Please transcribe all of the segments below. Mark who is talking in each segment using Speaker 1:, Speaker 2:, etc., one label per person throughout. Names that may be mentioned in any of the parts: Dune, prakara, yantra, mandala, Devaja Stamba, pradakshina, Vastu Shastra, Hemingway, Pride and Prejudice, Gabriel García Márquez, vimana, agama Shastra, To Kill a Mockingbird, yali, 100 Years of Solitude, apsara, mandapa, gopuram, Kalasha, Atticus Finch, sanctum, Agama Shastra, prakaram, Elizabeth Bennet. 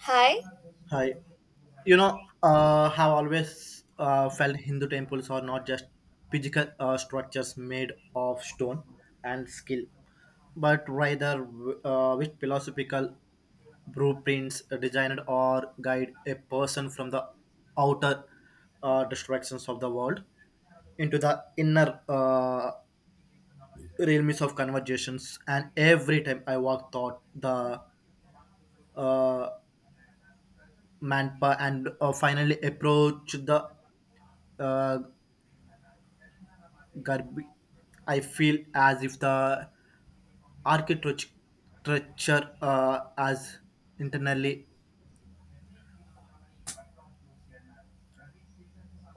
Speaker 1: Hi,
Speaker 2: Hi. Have always felt Hindu temples are not just physical structures made of stone and skill, but rather with philosophical blueprints designed or guide a person from the outer distractions of the world into the inner realms of conversations. And every time I walk thought the uh, manpa and finally approach the uh, garb- I feel as if the architecture as internally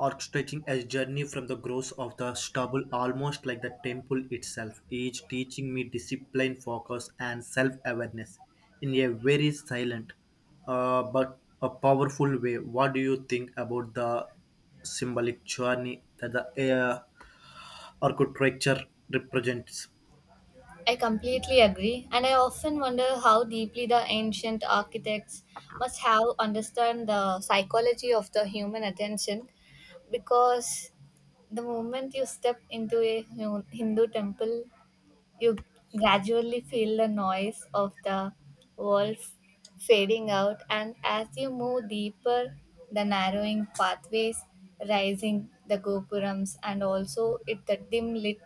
Speaker 2: orchestrating a journey from the growth of the stubble, almost like the temple itself is teaching me discipline, focus, and self-awareness in a very silent but a powerful way. What do you think about the symbolic journey that the uh, architecture represents?
Speaker 1: I completely agree, and I often wonder how deeply the ancient architects must have understood the psychology of the human attention because the moment you step into a Hindu temple you gradually feel the noise of the walls fading out, and as you move deeper, the narrowing pathways rising, the gopurams, and also it the dim lit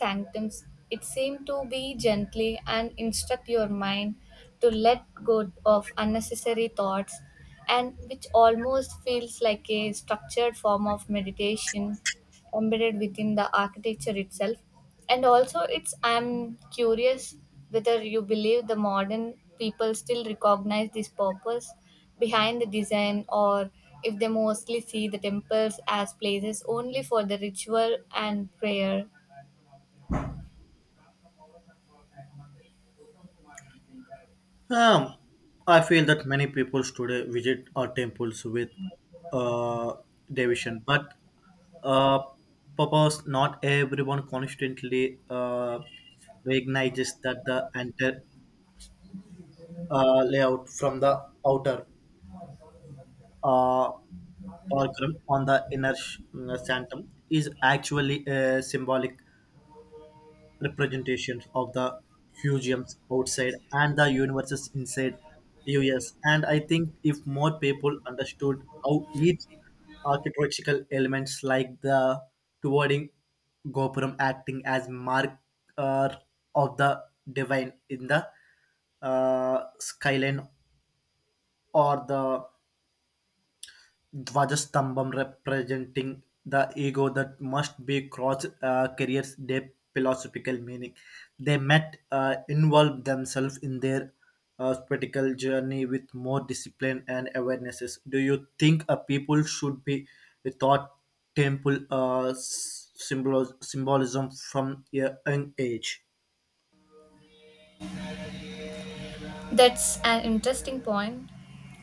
Speaker 1: sanctums. It seemed to be gently and instruct your mind to let go of unnecessary thoughts and which almost feels like a structured form of meditation embedded within the architecture itself. And also it's I'm curious whether you believe the modern people still recognize this purpose behind the design or if they mostly see the temples as places only for the ritual and prayer.
Speaker 2: Um, I feel that many people today visit our temples with uh, devotion, but uh, purpose. Not everyone constantly recognizes that the entire layout from the outer uh, fulcrum on the inner sanctum is actually a symbolic representations of the museums outside and the universes inside us. And I think if more people understood how each architectural elements like the towering gopuram acting as mark uh, of the divine in the skyline or the Dvajastambham representing the ego that must be crossed carries deep philosophical meaning. They met involve themselves in their spiritual journey with more discipline and awarenesses. Do you think a people should be taught temple symbolism from a young age?
Speaker 1: That's an interesting point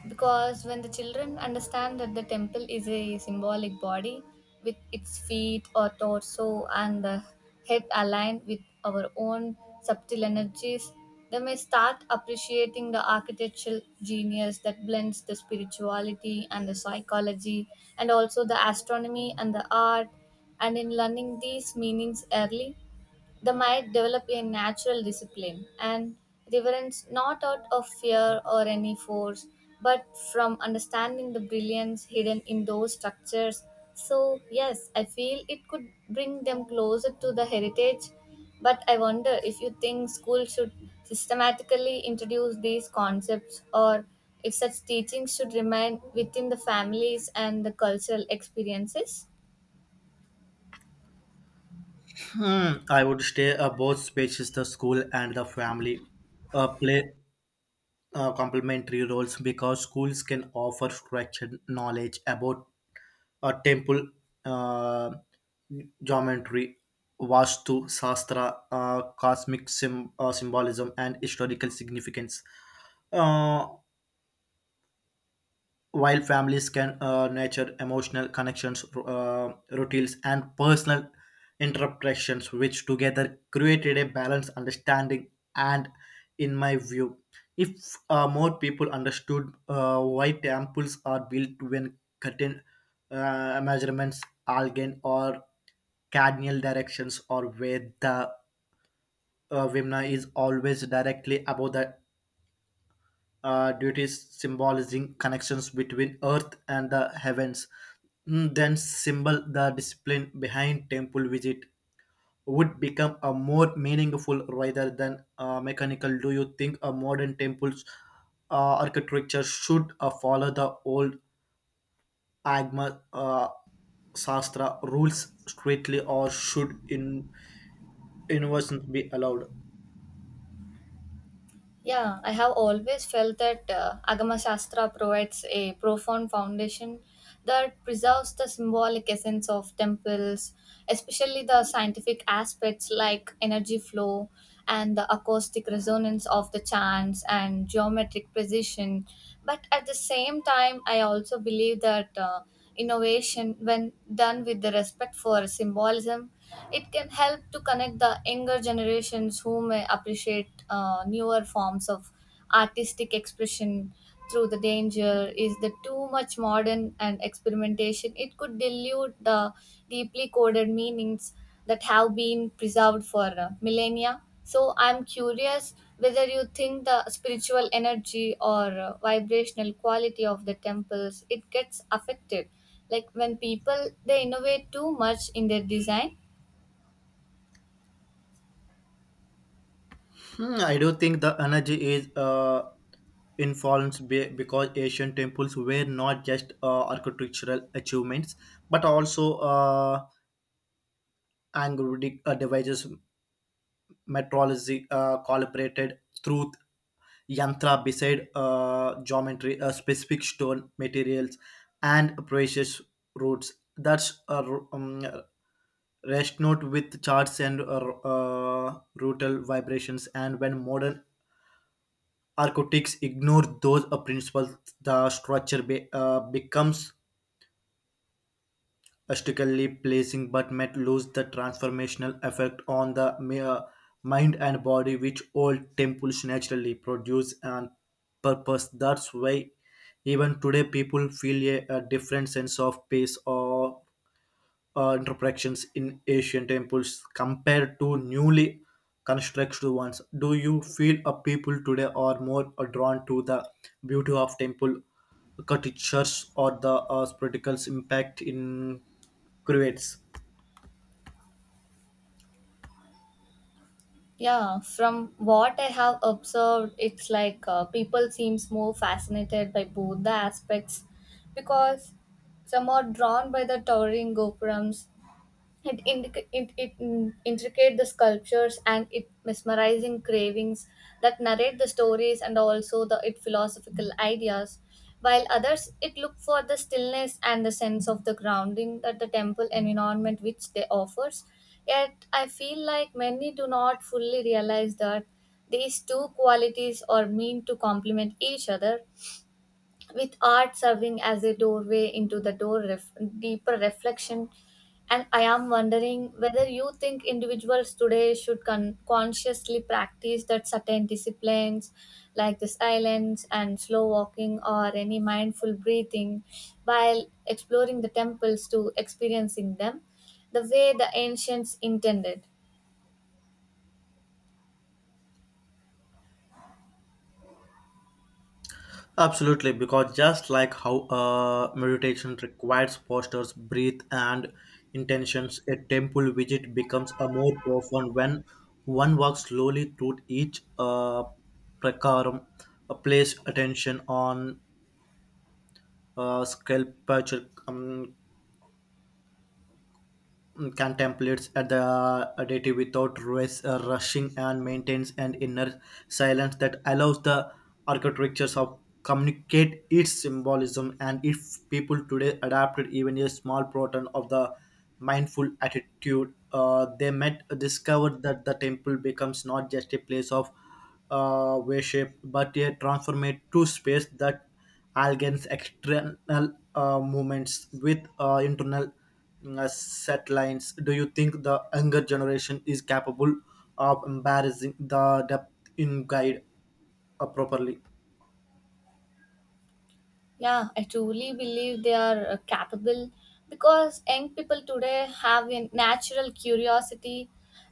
Speaker 1: because when the children understand that the temple is a symbolic body with its feet or torso and the head aligned with our own subtle energies, they may start appreciating the architectural genius that blends the spirituality and the psychology and also the astronomy and the art. And in learning these meanings early, they might develop a natural discipline and reverence not out of fear or any force, but from understanding the brilliance hidden in those structures. So, yes, I feel it could bring them closer to the heritage. But I wonder if you think school should systematically introduce these concepts or if such teachings should remain within the families and the cultural experiences.
Speaker 2: Hmm, I would stay both spaces, the school and the family. Play complementary roles, because schools can offer structured knowledge about temple uh, geometry, Vastu, Shastra, cosmic symbolism, and historical significance. Uh, while families can nurture emotional connections, routines, and personal interpretations, which together created a balanced understanding. And in my view, if more people understood why temples are built when certain measurements, algae, or cardinal directions, or where the vimna is always directly above the duties symbolizing connections between earth and the heavens, then symbol the discipline behind temple visit would become a more meaningful rather than mechanical. Do you think a modern temple's architecture should follow the old agma Shastra rules strictly, or should in inversions be allowed?
Speaker 1: Yeah, I have always felt that Agama Shastra provides a profound foundation that preserves the symbolic essence of temples, especially the scientific aspects like energy flow and the acoustic resonance of the chants and geometric precision. But at the same time, I also believe that. Innovation, when done with the respect for symbolism, it can help to connect the younger generations who may appreciate newer forms of artistic expression through the danger is the too much modern and experimentation. It could dilute the deeply coded meanings that have been preserved for millennia. So I'm curious whether you think the spiritual energy or vibrational quality of the temples it gets affected like when people they innovate too much in their design.
Speaker 2: Hmm, I do think the energy is influenced because Asian temples were not just architectural achievements, but also Android devices, metrology calibrated truth, yantra beside geometry, specific stone materials, and precious roots. That's a r- um, rest note with charts and routal vibrations. And when modern architects ignore those principles, the structure becomes strictly placing but might lose the transformational effect on the mere mind and body, which old temples naturally produce and purpose. That's why even today people feel a different sense of peace or interpretations in Asian temples compared to newly constructed ones. Do you feel a people today are more drawn to the beauty of temple architectures or the spectacles impact in creates?
Speaker 1: Yeah, from what I have observed, it's like people seems more fascinated by both the aspects because some are drawn by the towering gopurams. It, indic- it mm, Intricate the sculptures and it mesmerizing cravings that narrate the stories and also the it philosophical ideas, while others it look for the stillness and the sense of the grounding that the temple environment which they offers. Yet I feel like many do not fully realize that these two qualities are meant to complement each other, with art serving as a doorway into the deeper reflection. And I am wondering whether you think individuals today should consciously practice that certain disciplines like the silence and slow walking or any mindful breathing while exploring the temples to experiencing them the way the ancients intended.
Speaker 2: Absolutely, because just like how meditation requires postures, breath, and intentions, a temple visit becomes a more profound when one walks slowly through each prakaram, place attention on sculpture, contemplates at the deity without race, rushing, and maintains an inner silence that allows the architectures of communicate its symbolism. And if people today adapted even a small proton of the mindful attitude, they might discover that the temple becomes not just a place of worship, but a transformative space that algains external movements with internal set lines. Do you think the younger generation is capable of embarrassing the depth in guide properly?
Speaker 1: Yeah, I truly believe they are capable because young people today have a natural curiosity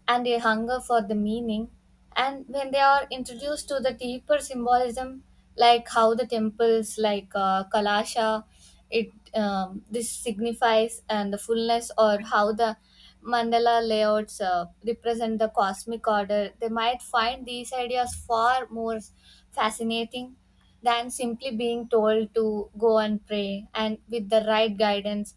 Speaker 1: and a hunger for the meaning. And when they are introduced to the deeper symbolism, like how the temples like Kalasha, it this signifies and the fullness, or how the mandala layouts represent the cosmic order, they might find these ideas far more fascinating than simply being told to go and pray. And with the right guidance,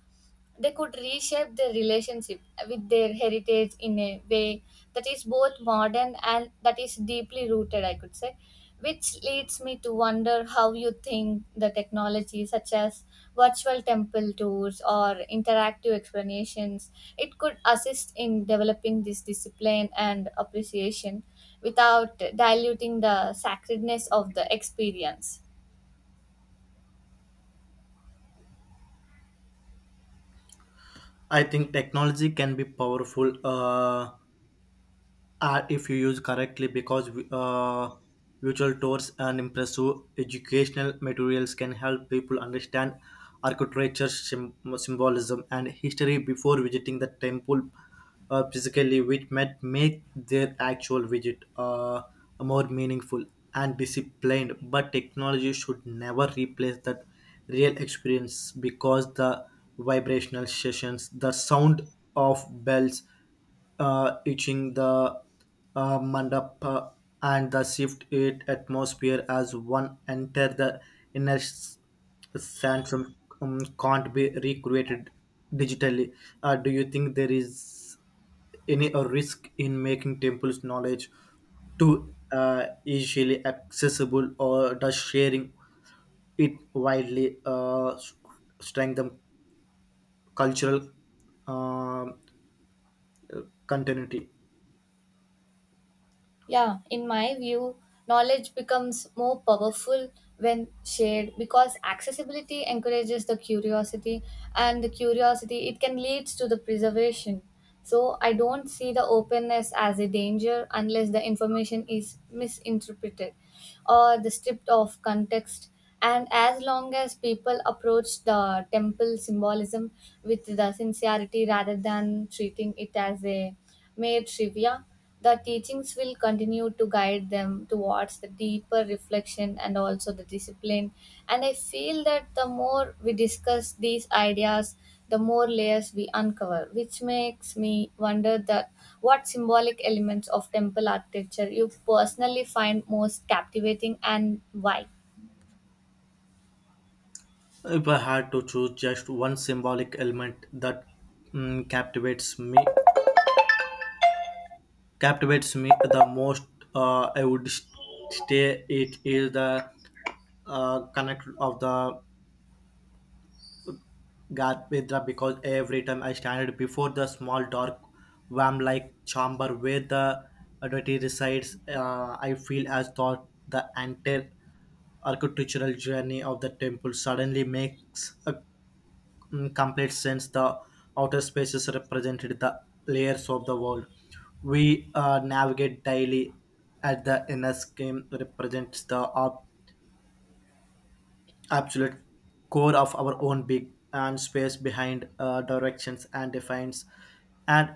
Speaker 1: they could reshape their relationship with their heritage in a way that is both modern and that is deeply rooted, I could say. Which leads me to wonder how you think the technology, such as virtual temple tours or interactive explanations, it could assist in developing this discipline and appreciation without diluting the sacredness of the experience.
Speaker 2: I think technology can be powerful. If you use correctly, because virtual tours and impressive educational materials can help people understand architecture symbolism and history before visiting the temple physically, which might make their actual visit more meaningful and disciplined. But technology should never replace that real experience, because the vibrational sessions, the sound of bells itching the mandapa, and the shift it atmosphere as one enter the inner sanctum can't be recreated digitally. Do you think there is any risk in making temples knowledge too easily accessible, or does sharing it widely strengthen cultural um continuity?
Speaker 1: Yeah, in my view, knowledge becomes more powerful when shared because accessibility encourages the curiosity, and the curiosity it can lead to the preservation. So I don't see the openness as a danger unless the information is misinterpreted or the stripped of context, and as long as people approach the temple symbolism with the sincerity rather than treating it as a mere trivia, the teachings will continue to guide them towards the deeper reflection and also the discipline. And I feel that the more we discuss these ideas, the more layers we uncover, which makes me wonder that what symbolic elements of temple architecture you personally find most captivating and why.
Speaker 2: If I had to choose just one symbolic element that mm, captivates me, captivates me the most, I would stay. It is the connect of the God with the, because every time I stand before the small dark worm-like chamber where the deity resides, I feel as though the entire architectural journey of the temple suddenly makes a In complete sense, the outer spaces represented the layers of the world we navigate daily. At the inner scheme represents the absolute core of our own being and space behind directions and defines, and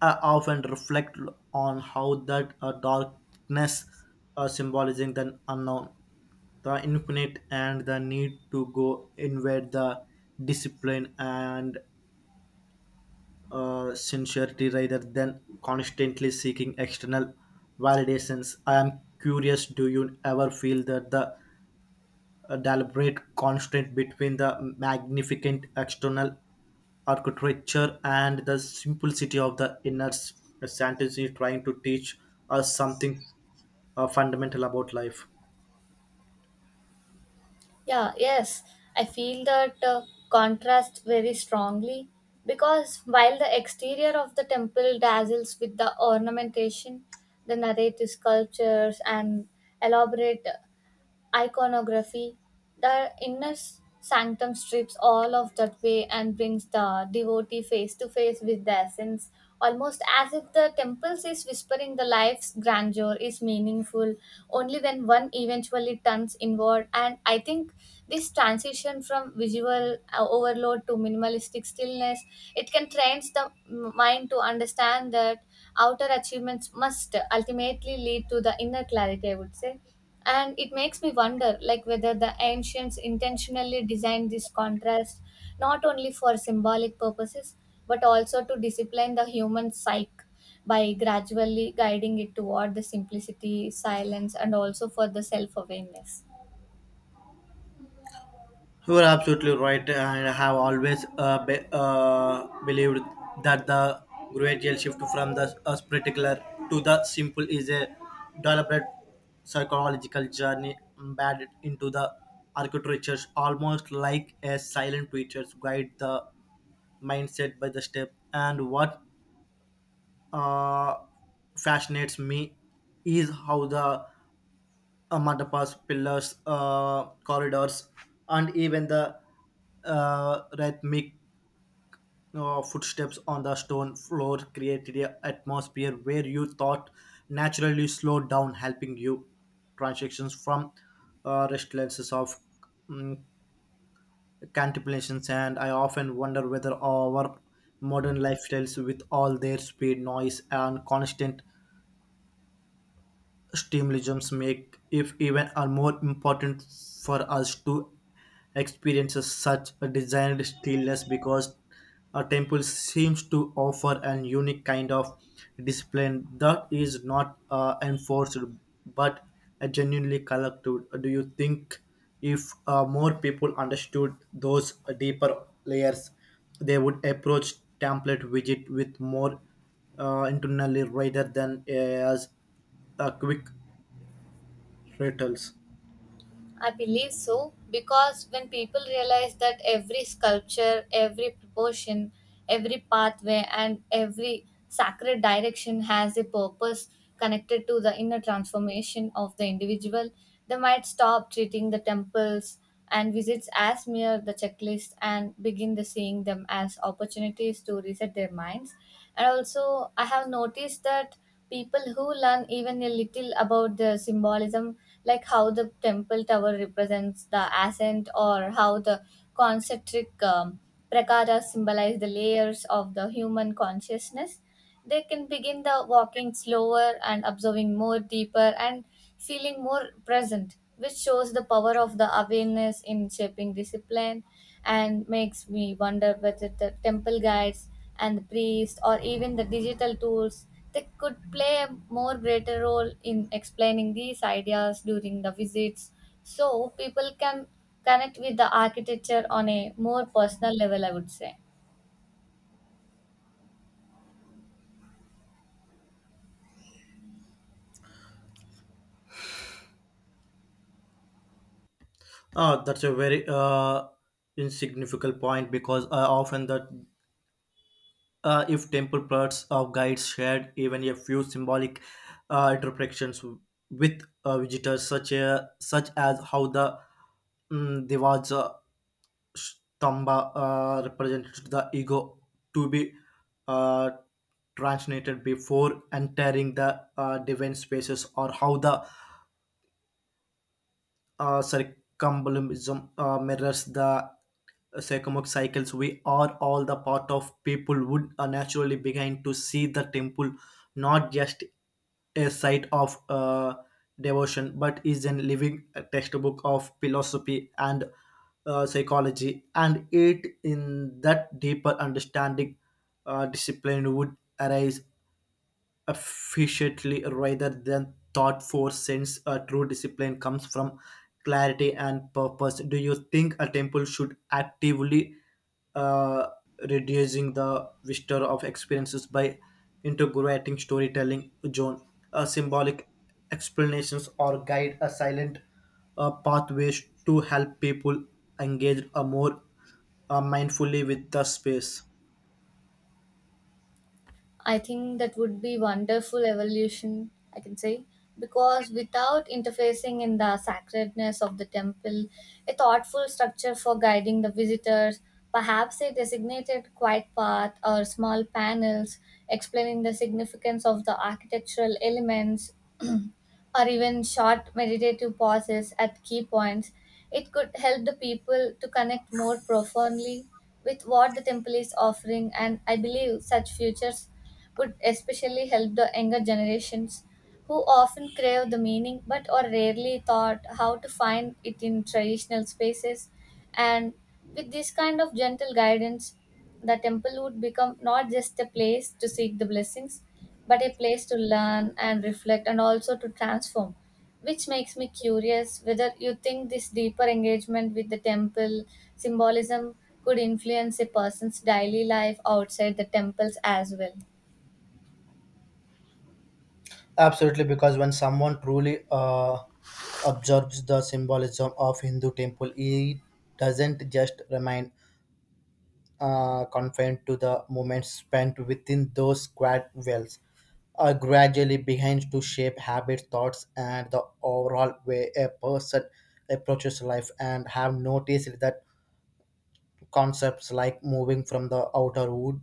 Speaker 2: often reflect on how that darkness symbolizing the unknown, the infinite, and the need to go invade the discipline and sincerity rather than constantly seeking external validations. I am curious, do you ever feel that the deliberate constraint between the magnificent external architecture and the simplicity of the inner sanctity trying to teach us something fundamental about life?
Speaker 1: Yeah, yes. I feel that contrast very strongly because while the exterior of the temple dazzles with the ornamentation, the narrative sculptures and elaborate iconography. The inner sanctum strips all of that way and brings the devotee face to face with the essence, almost as if the temple is whispering the life's grandeur is meaningful only when one eventually turns inward. And I think this transition from visual overload to minimalistic stillness, it can train the mind to understand that outer achievements must ultimately lead to the inner clarity, I would say. And it makes me wonder like whether the ancients intentionally designed this contrast not only for symbolic purposes but also to discipline the human psyche by gradually guiding it toward the simplicity silence and also for the self-awareness.
Speaker 2: You are absolutely right, and I have always believed that the gradual shift from the spectacular to the simple is a deliberate psychological journey embedded into the architecture, almost like a silent teacher guide the mindset by the step. And what uh, fascinates me is how the mandapas, pillars, corridors, and even the rhythmic footsteps on the stone floor created an atmosphere where you thought naturally slowed down, helping you transactions from restlessness of mm, contemplations. And I often wonder whether our modern lifestyles, with all their speed, noise, and constant stimulums make if even are more important for us to experience such a designed stillness, because a temple seems to offer an unique kind of discipline that is not enforced but a genuinely collected. Do you think if more people understood those deeper layers, they would approach template widget with more internally rather than as quick returns?
Speaker 1: I believe so because when people realize that every sculpture, every proportion, every pathway, and every sacred direction has a purpose connected to the inner transformation of the individual, they might stop treating the temples and visits as mere the checklist and begin the seeing them as opportunities to reset their minds. And also, I have noticed that people who learn even a little about the symbolism, like how the temple tower represents the ascent or how the concentric prakaras symbolize the layers of the human consciousness, they can begin the walking slower and observing more deeper and feeling more present, which shows the power of the awareness in shaping discipline and makes me wonder whether the temple guides and the priests or even the digital tools they could play a more greater role in explaining these ideas during the visits so people can connect with the architecture on a more personal level, I would say.
Speaker 2: Ah, that's a very insignificant point, because often that if temple plots of guides shared even a few symbolic interpretations with visitors, such as how the Devaja Stamba represented the ego to be uh, translated before entering the divine spaces, or how the circumbolism mirrors the circumc cycles. We are all the part of people would naturally begin to see the temple not just a site of devotion, but is a living textbook of philosophy and psychology. And it in that deeper understanding, discipline would arise efficiently rather than thought for sense, a true discipline comes from clarity and purpose. Do you think a temple should actively uh, reducing the vista of experiences by integrating storytelling zone, symbolic explanations, or guide a silent pathways to help people engage a more mindfully with the space?
Speaker 1: I think that would be wonderful evolution, I can say, because without interfacing in the sacredness of the temple, a thoughtful structure for guiding the visitors, perhaps a designated quiet path or small panels explaining the significance of the architectural elements or even short meditative pauses at key points, it could help the people to connect more profoundly with what the temple is offering. And I believe such futures would especially help the younger generations who often crave the meaning but are rarely taught how to find it in traditional spaces. And with this kind of gentle guidance, the temple would become not just a place to seek the blessings, but a place to learn and reflect and also to transform. Which makes me curious whether you think this deeper engagement with the temple symbolism could influence a person's daily life outside the temples as well.
Speaker 2: Absolutely, because when someone truly observes the symbolism of Hindu temple, it doesn't just remain confined to the moments spent within those square wells, gradually begins to shape habits, thoughts, and the overall way a person approaches life. And have noticed that concepts like moving from the outer wood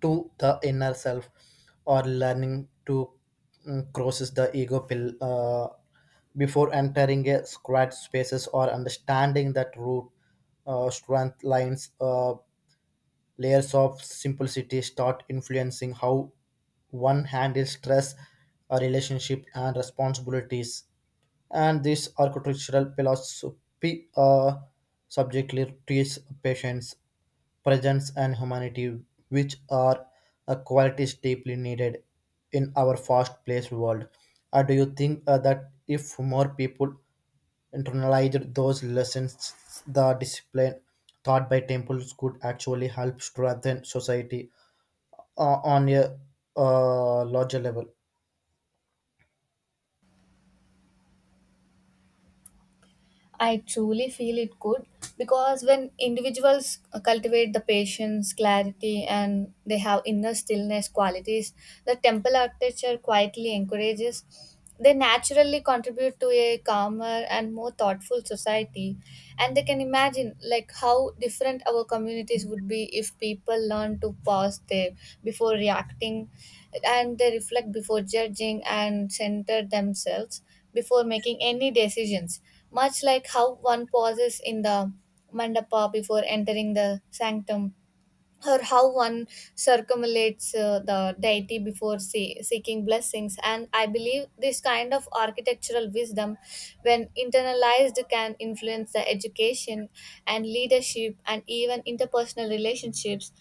Speaker 2: to the inner self, or learning to crosses the ego pill before entering a squad spaces, or understanding that root strength lines. Layers of simplicity start influencing how one handles stress, a relationship, and responsibilities. And this architectural philosophy subjectly treats patience, presence, and humanity, which are qualities deeply needed in our fast-paced world. Do you think that if more people internalized those lessons, the discipline taught by temples could actually help strengthen society on a larger level?
Speaker 1: I truly feel it could because when individuals cultivate the patience, clarity, and they have inner stillness qualities the temple architecture quietly encourages, they naturally contribute to a calmer and more thoughtful society. And they can imagine like how different our communities would be if people learn to pause there before reacting, and they reflect before judging and center themselves before making any decisions much like how one pauses in the mandapa before entering the sanctum or how one circumambulates the deity before seeking blessings. And I believe this kind of architectural wisdom when internalized can influence the education and leadership and even interpersonal relationships,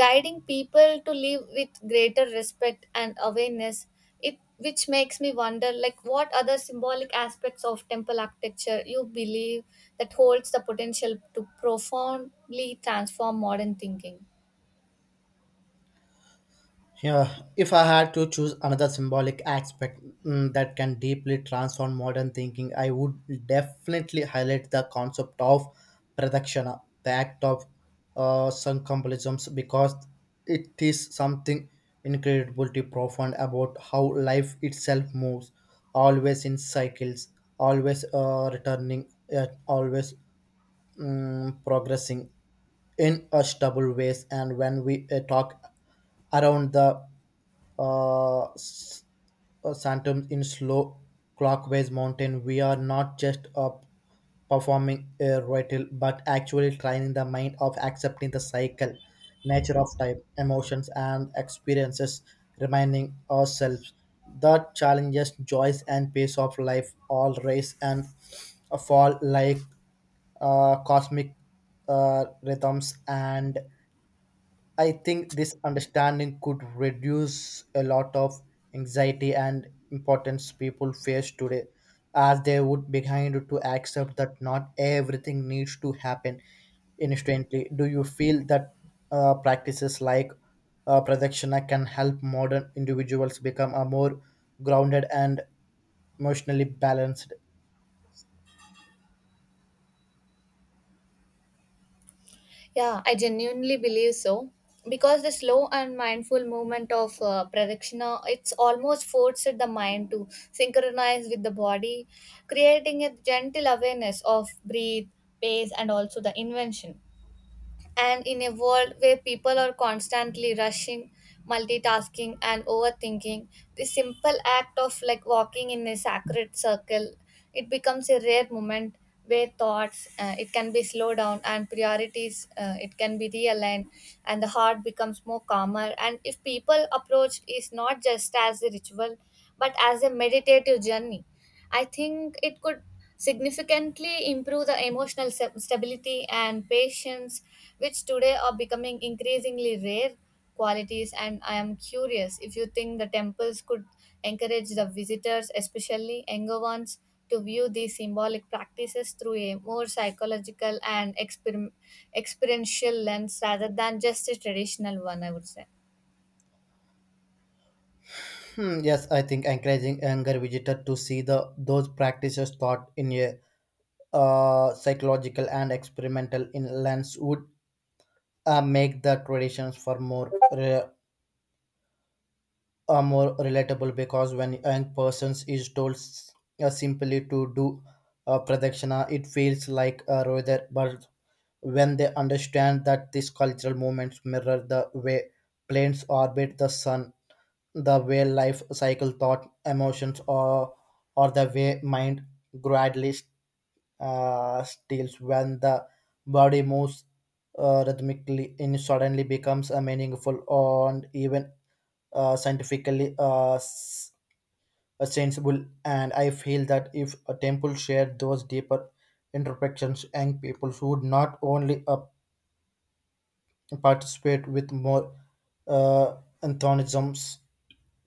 Speaker 1: guiding people to live with greater respect and awareness. It which makes me wonder like what other symbolic aspects of temple architecture you believe that holds the potential to profoundly transform modern thinking.
Speaker 2: Yeah, if I had to choose another symbolic aspect that can deeply transform modern thinking, I would definitely highlight the concept of pradakshana, the act of circumambulation, because it is something incredibly profound about how life itself moves, always in cycles, always returning, yet always progressing in a stable ways. And when we talk around the uh, s- phantom in slow clockwise mountain, we are not just up performing a ritual, but actually training the mind of accepting the cycle nature of time, emotions, and experiences, reminding ourselves that challenges, joys, and pace of life all rise and fall like cosmic rhythms. And I think this understanding could reduce a lot of anxiety and importance people face today, as they would behind to accept that not everything needs to happen instantly. Do you feel that practices like Pradakshina can help modern individuals become a more grounded and emotionally balanced?
Speaker 1: Yeah, I genuinely believe so because the slow and mindful movement of pradakshina it's almost forced the mind to synchronize with the body, creating a gentle awareness of breathe, pace, and also the invention. And in a world where people are constantly rushing, multitasking, and overthinking, the simple act of like walking in a sacred circle, it becomes a rare moment where thoughts it can be slowed down and priorities it can be realigned and the heart becomes more calmer. And if people approach is not just as a ritual but as a meditative journey, I think it could significantly improve the emotional stability and patience, which today are becoming increasingly rare qualities. And I am curious if you think the temples could encourage the visitors, especially younger ones, to view these symbolic practices through a more psychological and experiential lens rather than just a traditional one, I would say.
Speaker 2: Hmm, yes, I think encouraging younger visitor to see the those practices taught in a psychological and experimental in lens would make the traditions for more more relatable because when a young persons is told simply to do pradakshina it feels like a rather but when they understand that these cultural movements mirror the way planes orbit the sun, the way life cycle thought emotions or the way mind gradually steals when the body moves rhythmically and suddenly becomes a meaningful and even scientifically sensible. And I feel that if a temple shared those deeper introspections, young people would not only participate with more uh, antagonisms,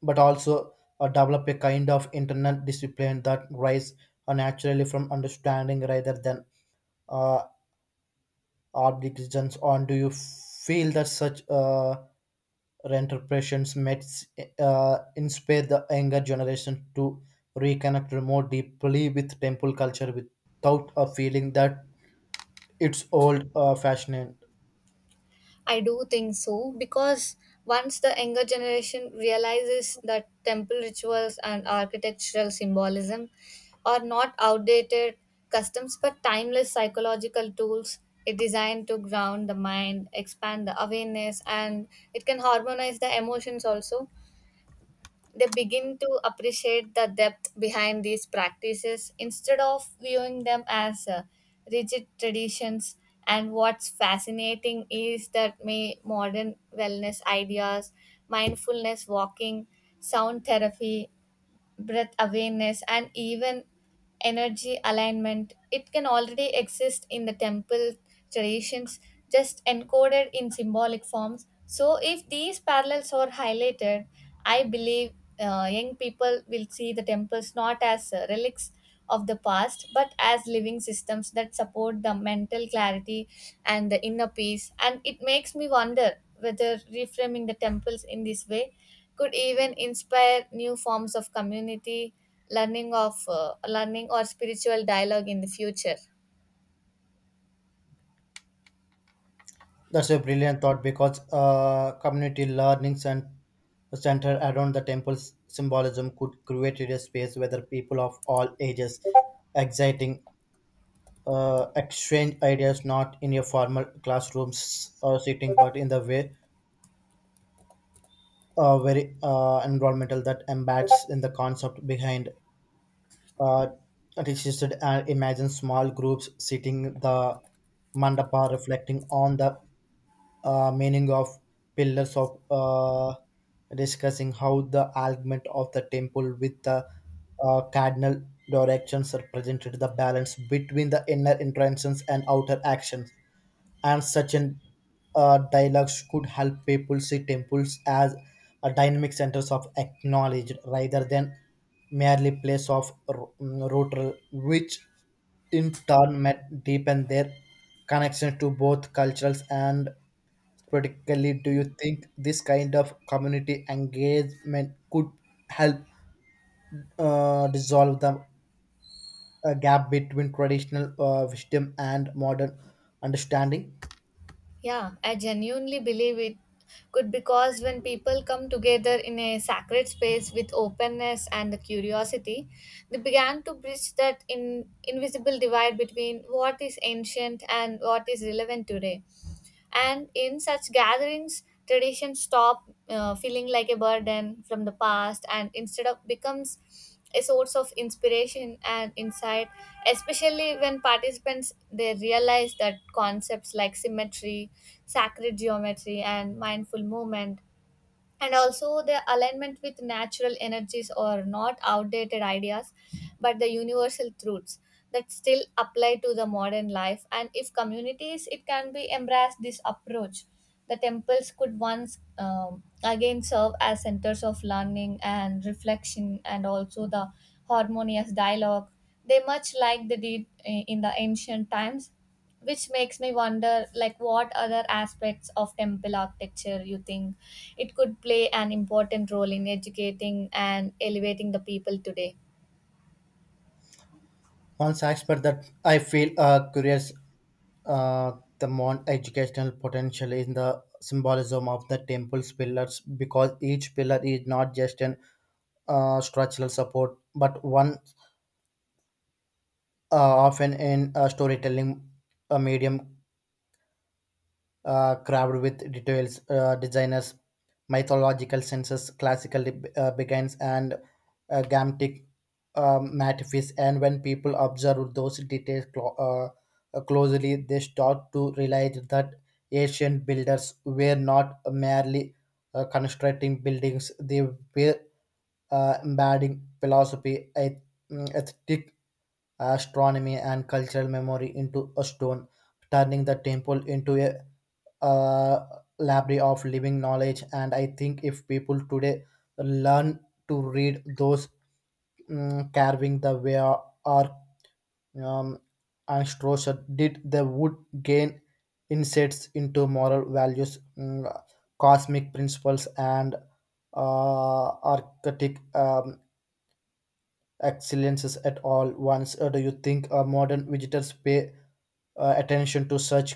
Speaker 2: but also develop a kind of internal discipline that rise naturally from understanding rather than uh, art decisions on. Do you feel that such reinterpretations might inspire the younger generation to reconnect more deeply with temple culture without a feeling that it's old fashioned?
Speaker 1: I do think so because once the younger generation realizes that temple rituals and architectural symbolism are not outdated customs but timeless psychological tools it designed to ground the mind, expand the awareness, and it can harmonize the emotions also, they begin to appreciate the depth behind these practices instead of viewing them as rigid traditions. And what's fascinating is that may modern wellness ideas, mindfulness walking, sound therapy, breath awareness, and even energy alignment it can already exist in the temple traditions, just encoded in symbolic forms. So if these parallels are highlighted, I believe young people will see the temples not as relics of the past but as living systems that support the mental clarity and the inner peace. And it makes me wonder whether reframing the temples in this way could even inspire new forms of community learning or spiritual dialogue in the future.
Speaker 2: That's a brilliant thought because community learning center around the temple's symbolism could create a space where the people of all ages exciting exchange ideas not in your formal classrooms or sitting but in the way very environmental that embeds in the concept behind uh, registered. And imagine small groups sitting the mandapa reflecting on the meaning of pillars of discussing how the alignment of the temple with the cardinal directions represented the balance between the inner intentions and outer actions, and such an dialogues could help people see temples as a dynamic centers of acknowledge rather than merely place of ritual, which in turn might deepen their connection to both cultures. And particularly, do you think this kind of community engagement could help dissolve the gap between traditional wisdom and modern understanding?
Speaker 1: Yeah, I genuinely believe it could, because when people come together in a sacred space with openness and the curiosity, they began to bridge that in invisible divide between what is ancient and what is relevant today. And in such gatherings, traditions stop feeling like a burden from the past and instead of becomes a source of inspiration and insight, especially when participants they realize that concepts like symmetry, sacred geometry, and mindful movement, and also the alignment with natural energies or not outdated ideas but the universal truths that still apply to the modern life. And if communities it can be embrace this approach, the temples could once again serve as centers of learning and reflection and also the harmonious dialogue, they much like they did in the ancient times, which makes me wonder like what other aspects of temple architecture you think it could play an important role in educating and elevating the people today.
Speaker 2: One aspect that I feel curious, uh, the more educational potential in the symbolism of the temple's pillars, because each pillar is not just an structural support but one uh, often in a storytelling medium crammed with details, designers, mythological senses, classical beginnings, and gamtic metaphys. And when people observe those details closely, they start to realize that ancient builders were not merely constructing buildings; they were embedding philosophy, ethic, astronomy, and cultural memory into a stone, turning the temple into a uh, library of living knowledge. And I think if people today learn to read those carving, the way or um, Astroser did the wood, gain insights into moral values, cosmic principles, and archetype excellences at all once. Do you think modern visitors pay attention to such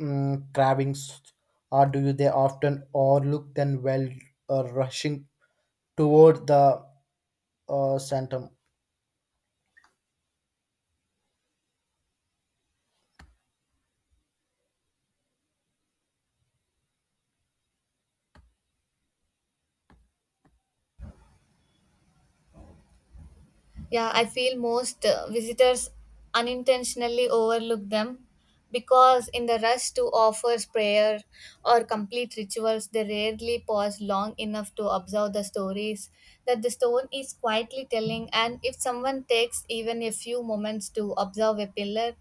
Speaker 2: cravings, or do you they often overlook them while rushing toward the sanctum?
Speaker 1: Yeah, I feel most visitors unintentionally overlook them, because in the rush to offers prayer or complete rituals they rarely pause long enough to observe the stories that the stone is quietly telling. And if someone takes even a few moments to observe a pillar,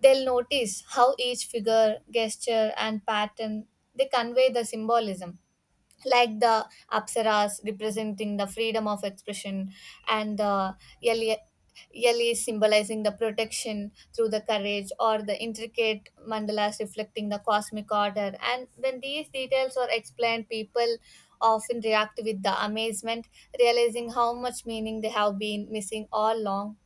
Speaker 1: they'll notice how each figure, gesture, and pattern they convey the symbolism, like the apsaras representing the freedom of expression, and the yali yali symbolizing the protection through the courage, or the intricate mandalas reflecting the cosmic order. And when these details are explained, people often react with the amazement, realizing how much meaning they have been missing all along,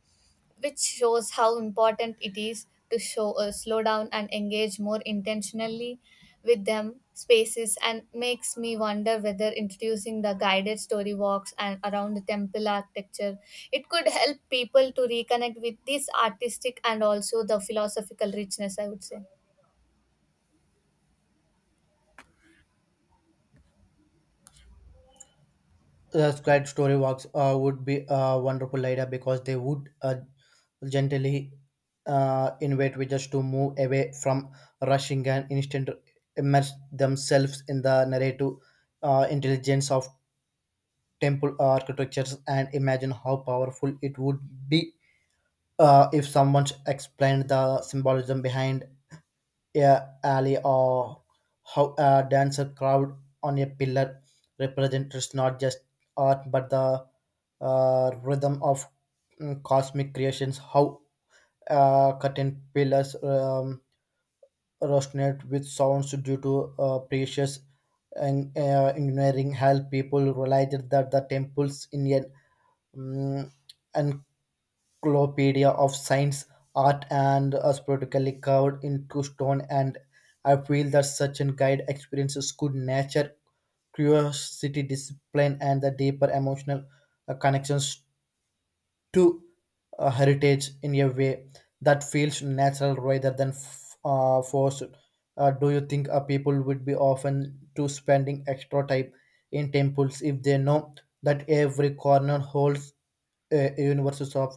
Speaker 1: which shows how important it is to show slow down and engage more intentionally with them spaces, and makes me wonder whether introducing the guided story walks and around the temple architecture it could help people to reconnect with this artistic and also the philosophical richness, I would say.
Speaker 2: The squared story walks would be a wonderful idea because they would gently invite readers to move away from rushing and instant immerse themselves in the narrative intelligence of temple architectures. And imagine how powerful it would be if someone explained the symbolism behind a alley, or how a dancer crowd on a pillar represents not just art but the rhythm of cosmic creations, how curtain pillars resonate with sounds due to precious and engineering help people realized that the temples in an um, encyclopedia of science, art, and as sporadically carved into stone. And I feel that such a guide experiences could nurture curiosity, discipline, and the deeper emotional connections to heritage in a way that feels natural rather than forced? Do you think people would be often to spending extra time in temples if they know that every corner holds a universes of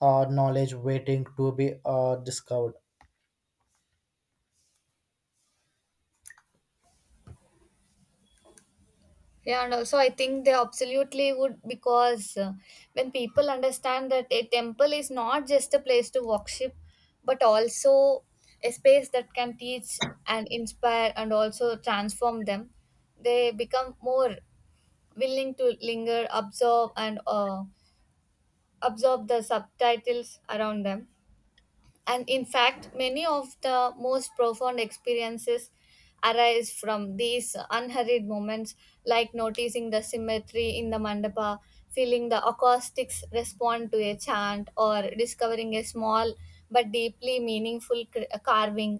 Speaker 2: knowledge waiting to be discovered?
Speaker 1: Yeah, and also I think they absolutely would, because when people understand that a temple is not just a place to worship, but also a space that can teach and inspire and also transform them, they become more willing to linger, absorb, and absorb the subtitles around them. And in fact, many of the most profound experiences arise from these unhurried moments, like noticing the symmetry in the mandapa, feeling the acoustics respond to a chant, or discovering a small but deeply meaningful carving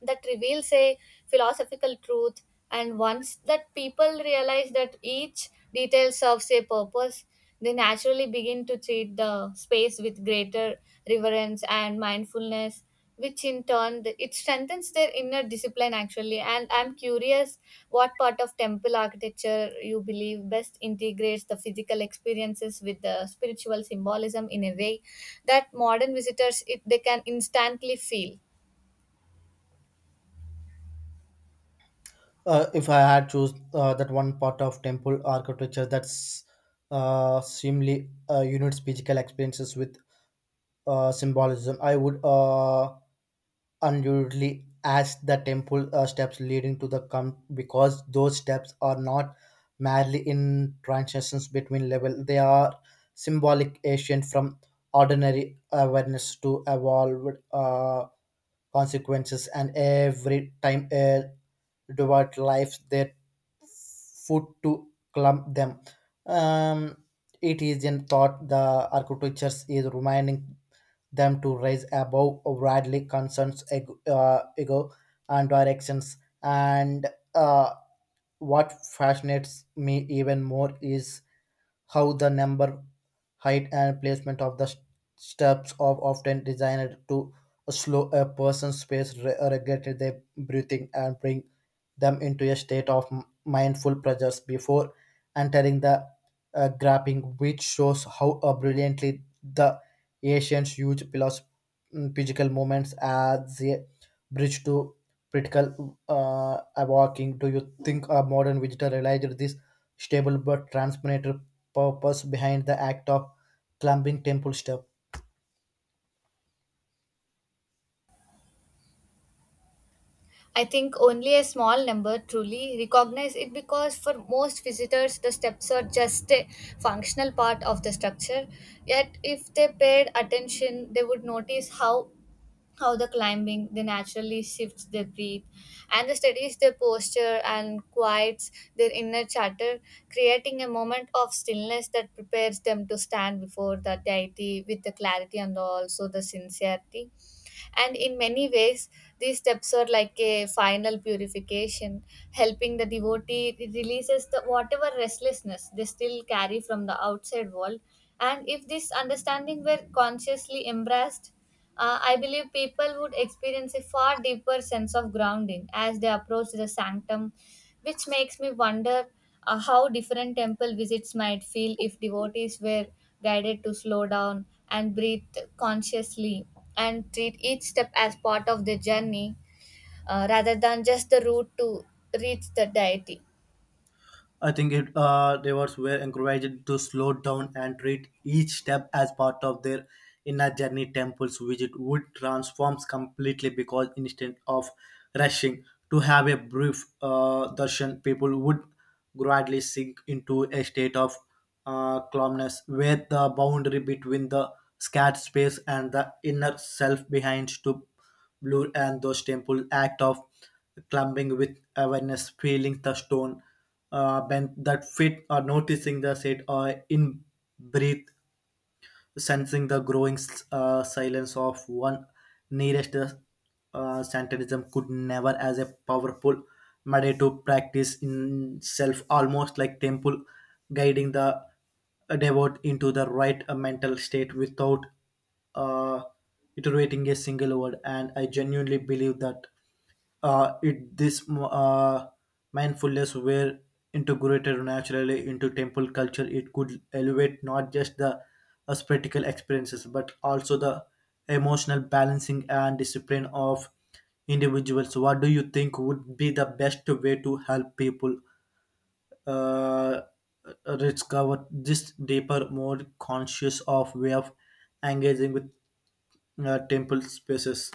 Speaker 1: that reveals a philosophical truth. And once that people realize that each detail serves a purpose, they naturally begin to treat the space with greater reverence and mindfulness, which in turn it strengthens their inner discipline actually. And I'm curious what part of temple architecture you believe best integrates the physical experiences with the spiritual symbolism in a way that modern visitors it, they can instantly feel.
Speaker 2: If I had choose that one part of temple architecture that's seemingly unites physical experiences with symbolism, I would unusually as the temple steps leading to the com, because those steps are not merely in transitions between level, they are symbolic ancient from ordinary awareness to evolved consequences, and every time a devout life their foot to clump them. Um, it is in thought the architecture is reminding them to rise above worldly concerns, ego, ego and directions. And uh, what fascinates me even more is how the number, height, and placement of the steps are often designed to slow a person's pace, regulate their breathing, and bring them into a state of mindful presence before entering the grapping, which shows how brilliantly the ancients used physical movements as a bridge to critical walking. Do you think a modern visitor realized this stable but transformative purpose behind the act of climbing temple step?
Speaker 1: I think only a small number truly recognize it, because for most visitors, the steps are just a functional part of the structure. Yet, if they paid attention, they would notice how the climbing they naturally shifts their breath and the studies their posture and quiets their inner chatter, creating a moment of stillness that prepares them to stand before the deity with the clarity and also the sincerity. And in many ways these steps are like a final purification, helping the devotee releases the whatever restlessness they still carry from the outside world. And if this understanding were consciously embraced, I believe people would experience a far deeper sense of grounding as they approach the sanctum, which makes me wonder how different temple visits might feel if devotees were guided to slow down and breathe consciously and treat each step as part of the journey, rather than just the route to reach the deity.
Speaker 2: I think it, divers were encouraged to slow down and treat each step as part of their inner journey. Temples visit would transforms completely because instead of rushing to have a brief darshan, people would gradually sink into a state of calmness where the boundary between the scared space and the inner self behind to blue, and those temple act of clumbing with awareness, feeling the stone bend that fit, or noticing the set or in breathe, sensing the growing silence of one nearest Santanism, could never as a powerful made to practice in self, almost like temple guiding the devote into the right mental state without uh, iterating a single word. And I genuinely believe that it this mindfulness were integrated naturally into temple culture, it could elevate not just the spiritual experiences but also the emotional balancing and discipline of individuals. What do you think would be the best way to help people uh, discover this deeper, more conscious of way of engaging with temple spaces?